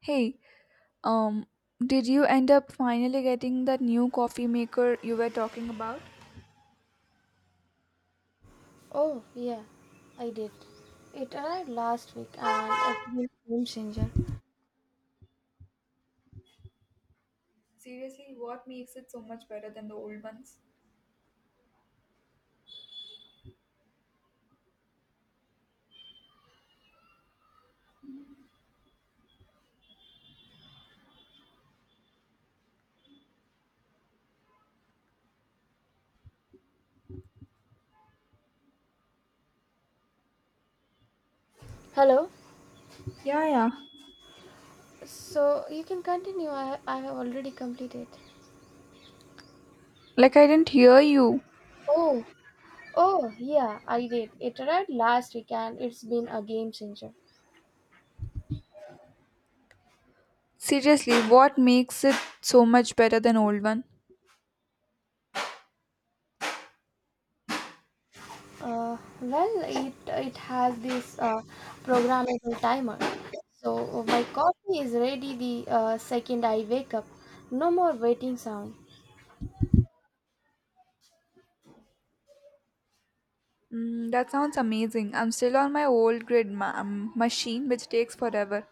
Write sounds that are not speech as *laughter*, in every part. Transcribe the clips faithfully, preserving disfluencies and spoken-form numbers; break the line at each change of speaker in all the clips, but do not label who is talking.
Hey, um, did you end up finally getting that new coffee maker you were talking about?
Oh, yeah, I did. It arrived last week and it's been a game changer.
Seriously, what makes it so much better than the old ones?
Hello?
Yeah, yeah.
So you can continue. I, I have already completed.
Like I didn't hear you.
Oh, oh, yeah, I did. It arrived last week and it's been a game changer.
Seriously, what makes it so much better than old one?
Uh, well, it, it has this uh, programmable timer. So my coffee is ready the uh, second I wake up. No more waiting sound.
Mm, that sounds amazing. I'm still on my old grid ma- um, machine, which takes forever.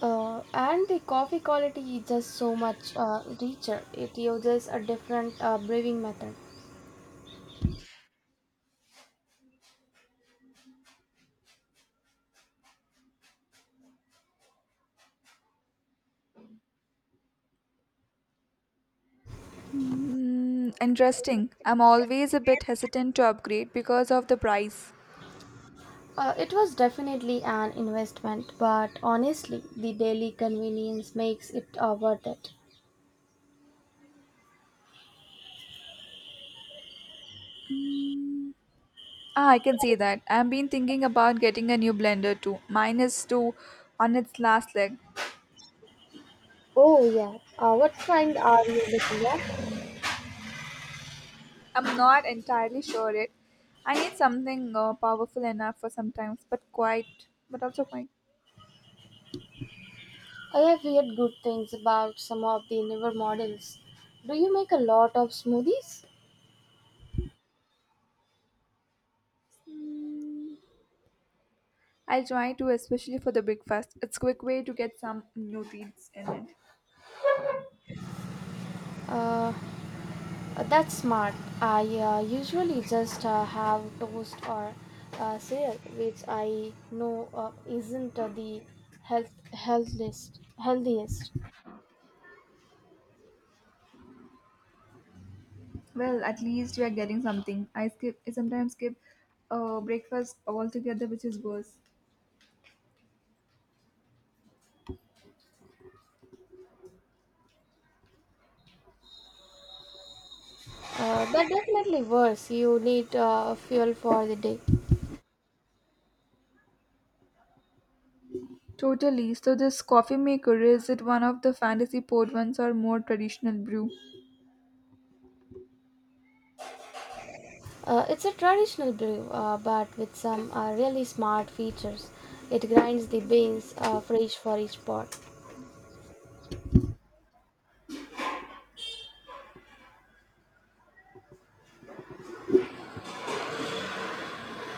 Uh, and the coffee quality is just so much uh, richer. It uses a different uh, brewing method.
Mm, interesting. I'm always a bit hesitant to upgrade because of the price.
Uh, it was definitely an investment, but honestly, the daily convenience makes it uh, worth it.
Ah, I can see that. I've been thinking about getting a new blender too. Mine is too on its last leg.
Oh, yeah. Uh, what kind are you looking at?
I'm not entirely sure it. I need something uh, powerful enough for sometimes, but quite, but also quite.
I have heard good things about some of the newer models. Do you make a lot of smoothies?
Mm, I'll try to, especially for the breakfast. It's quick way to get some new things in it.
Uh, Uh, that's smart. I uh, usually just uh, have toast or uh, cereal, which I know uh, isn't uh, the health healthiest. Healthiest,
Well, at least we are getting something. I skip. I sometimes skip uh, breakfast altogether, which is worse.
uh, but definitely worse. You need uh, fuel for the day.
Totally. So this coffee maker is it one of the fantasy port ones or more traditional brew?
Uh, it's a traditional brew, uh, but with some uh, really smart features. It grinds the beans uh, fresh for each pot.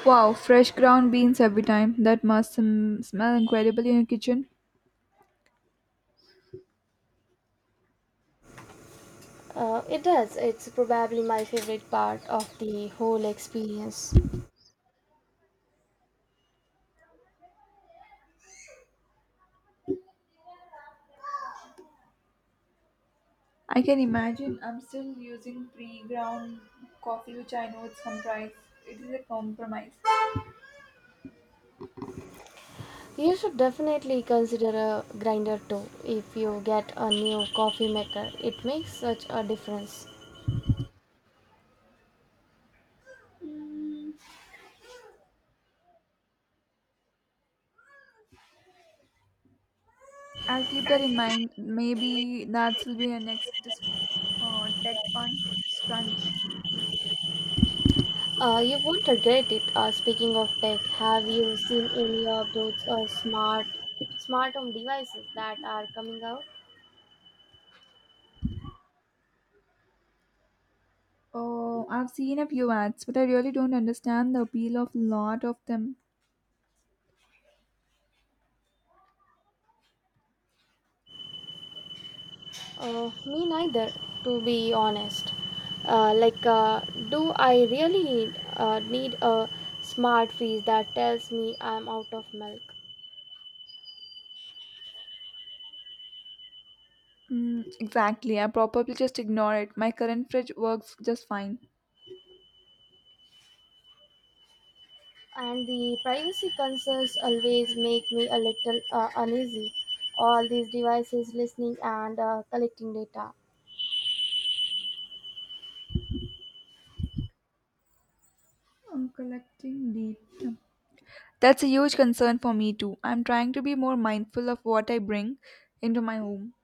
Wow, fresh ground beans every time. That must sm- smell incredible in your kitchen.
Uh, it does. It's probably my favorite part of the whole experience.
I can imagine. I'm still using pre-ground coffee, which I know it's comprise. It is a compromise.
You should definitely consider a grinder too if you get a new coffee maker. It makes such a difference.
I'll keep that in mind. Maybe that will be a next dis- uh, tech pun scrunch.
Uh, you won't regret it. Uh, speaking of tech, have you seen any of those uh, smart smart home devices that are coming out?
Oh, I've seen a few ads, but I really don't understand the appeal of lot of them.
Uh, me neither, to be honest. Uh, like, uh, do I really need, uh, need a smart fridge that tells me I'm out of milk?
Mm, exactly. I probably just ignore it. My current fridge works just fine.
And the privacy concerns always make me a little uh, uneasy. All these devices listening and uh, collecting data.
I'm collecting data. That's a huge concern for me too. I'm trying to be more mindful of what I bring into my home.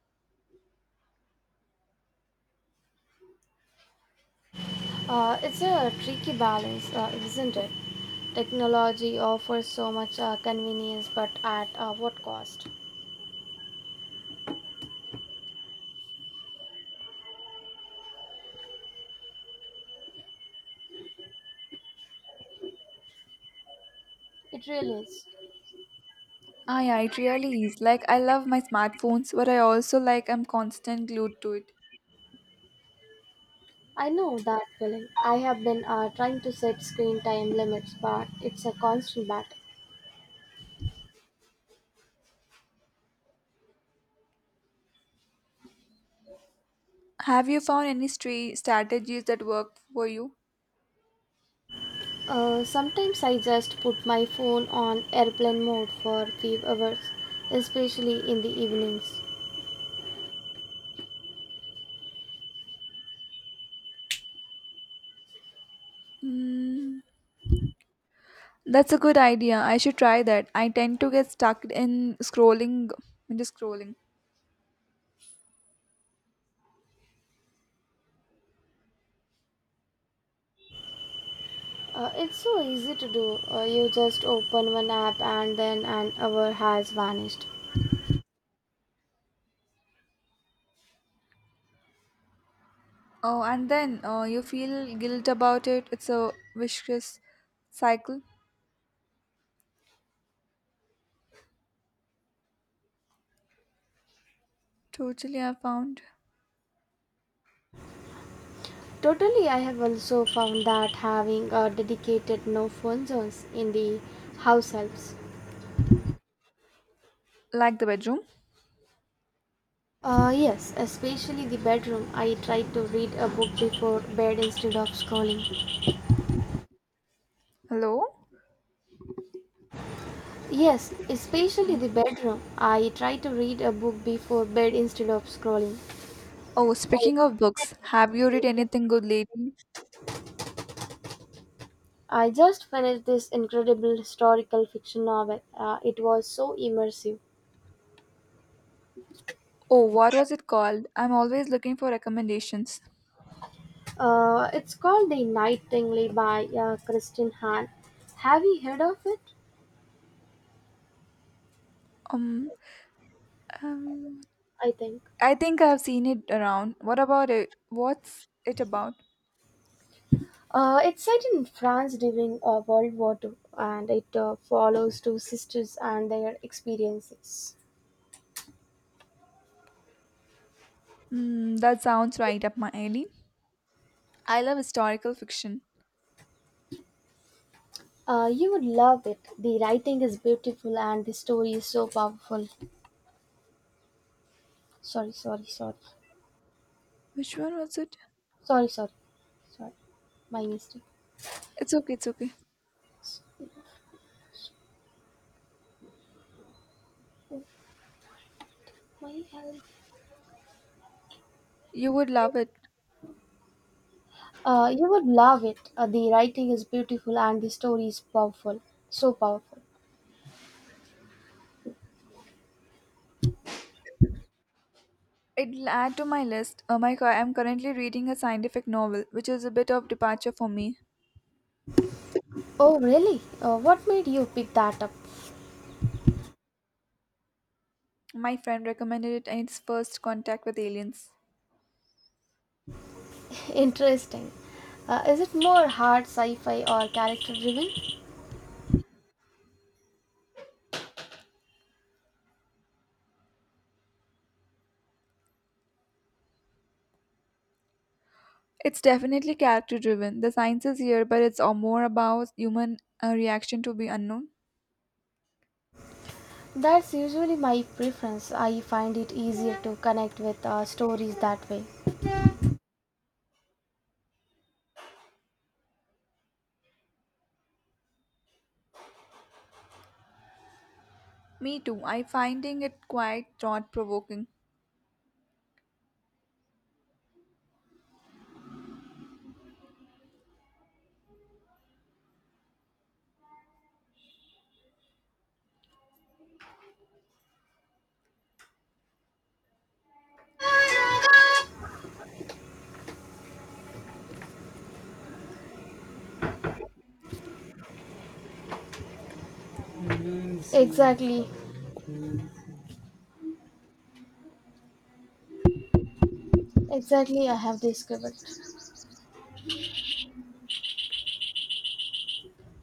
Uh, it's a tricky balance, uh, isn't it? Technology offers so much uh, convenience, but at uh, what cost? It really is.
Ah, yeah, it really is. Like, I love my smartphones, but I also like I'm constant glued to it.
I know that feeling. I have been uh, trying to set screen time limits, but it's a constant battle.
Have you found any stra- strategies that work for you?
Uh, sometimes I just put my phone on airplane mode for a few hours, especially in the evenings.
That's a good idea. I should try that. I tend to get stuck in scrolling, into scrolling.
Uh, it's so easy to do. Uh, you just open one app and then an hour has vanished.
Oh, and then uh, you feel guilt about it. It's a vicious cycle. Totally, I found.
Totally, I have also found that having a dedicated no phone zones in the house helps.
Like the bedroom.
Uh, yes, especially the bedroom. I try to read a book before bed instead of scrolling.
Hello?
Yes, especially the bedroom. I try to read a book before bed instead of scrolling.
Oh, speaking of books, have you read anything good lately?
I just finished this incredible historical fiction novel. Uh, it was so immersive.
Oh, what was it called? I'm always looking for recommendations.
Uh, it's called The Nightingale by uh, Kristen Hahn. Have you heard of it?
Mm, um,
I think.
I think I've seen it around. What about it? What's it about?
Uh, it's set in France during uh, World War two and it uh, follows two sisters and their experiences.
Mm, that sounds right up my alley. I love historical fiction.
Uh, you would love it. The writing is beautiful and the story is so powerful. Sorry, sorry, sorry.
Which one was it?
Sorry, sorry. Sorry. My mistake.
It's okay, it's okay.
My alley.
You would love it.
Uh, you would love it. Uh, the writing is beautiful and the story is powerful. So powerful.
It'll add to my list. Oh my god, I'm currently reading a scientific novel, which is a bit of departure for me.
Oh, really? Uh, what made you pick that up?
My friend recommended it in its first contact with aliens.
*laughs* Interesting. Uh, is it more hard sci fi or character driven?
It's definitely character driven. The science is here, but it's all more about human uh, reaction to be unknown.
That's usually my preference. I find it easier to connect with uh, stories that way.
Me too. I finding it quite thought provoking.
Exactly. Exactly, I have discovered.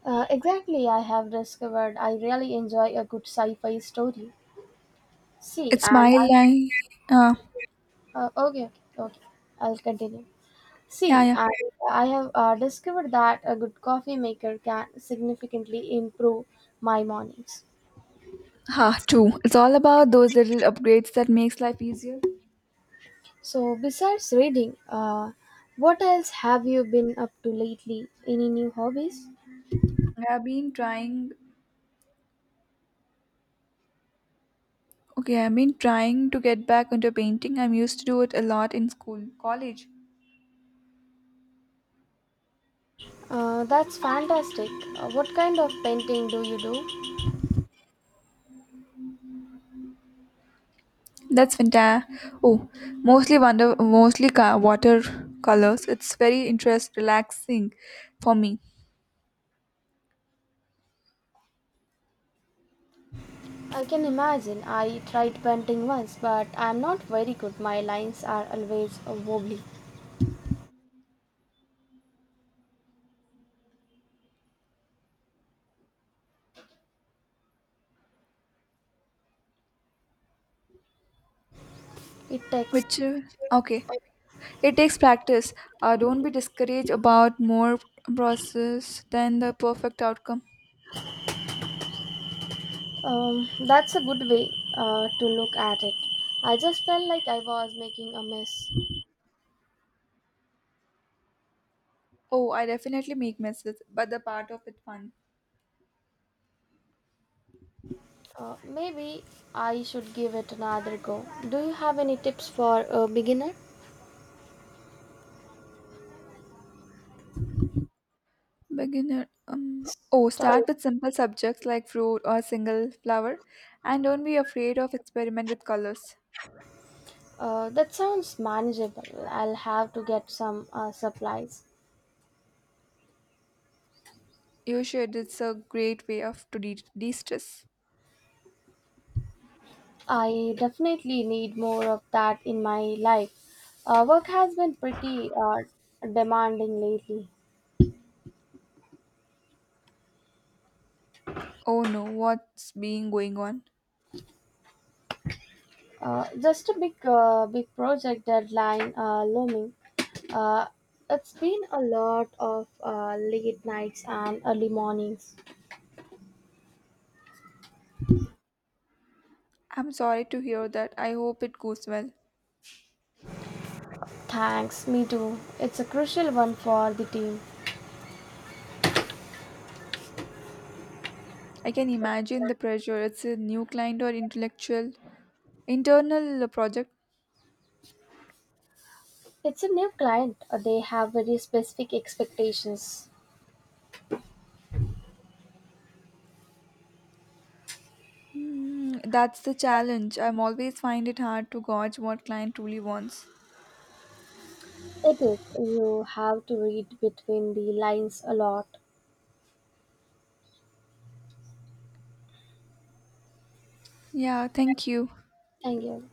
Uh, exactly, I have discovered I really enjoy a good sci-fi story. See,
It's
and
my
I
life. Uh,
uh, okay, okay, okay. I'll continue.
yeah,
See,
yeah.
and I have uh, discovered that a good coffee maker can significantly improve my mornings.
Ha, true. It's all about those little upgrades that makes life easier.
So, besides reading, uh, what else have you been up to lately? Any new hobbies?
I've been trying. Okay, I've been trying to get back into painting. I'm used to do it a lot in school, college.
Uh, that's fantastic. Uh, what kind of painting do you do?
That's fantastic. Oh, mostly wonder, mostly ca- water colors. It's very interest relaxing for me.
I can imagine. I tried painting once, but I'm not very good. My lines are always uh, wobbly. It takes.
Which uh, okay, it takes practice. Uh, don't be discouraged about more process than the perfect outcome.
Um, that's a good way uh, to look at it. I just felt like I was making a mess.
Oh, I definitely make messes, but the part of it fun.
Uh, maybe I should give it another go. Do you have any tips for a beginner?
Beginner. Um, oh,
Start.
start with simple subjects like fruit or single flower, and don't be afraid of experiment with colors.
Uh, that sounds manageable. I'll have to get some uh, supplies.
You should. It's a great way of to de- de-stress.
I definitely need more of that in my life. Uh, work has been pretty uh, demanding lately.
Oh no, what's being going on?
Uh, just a big, uh, big project deadline uh, looming. Uh, it's been a lot of uh, late nights and early mornings.
I'm sorry to hear that. I hope it goes well.
Thanks, me too. It's a crucial one for the team.
I can imagine the pressure. It's a new client or intellectual internal project.
It's a new client. Uh, They have very specific expectations.
Hmm, that's the challenge. I'm always find it hard to gauge what client truly wants.
It is. You have to read between the lines a lot.
Yeah, thank you.
Thank you.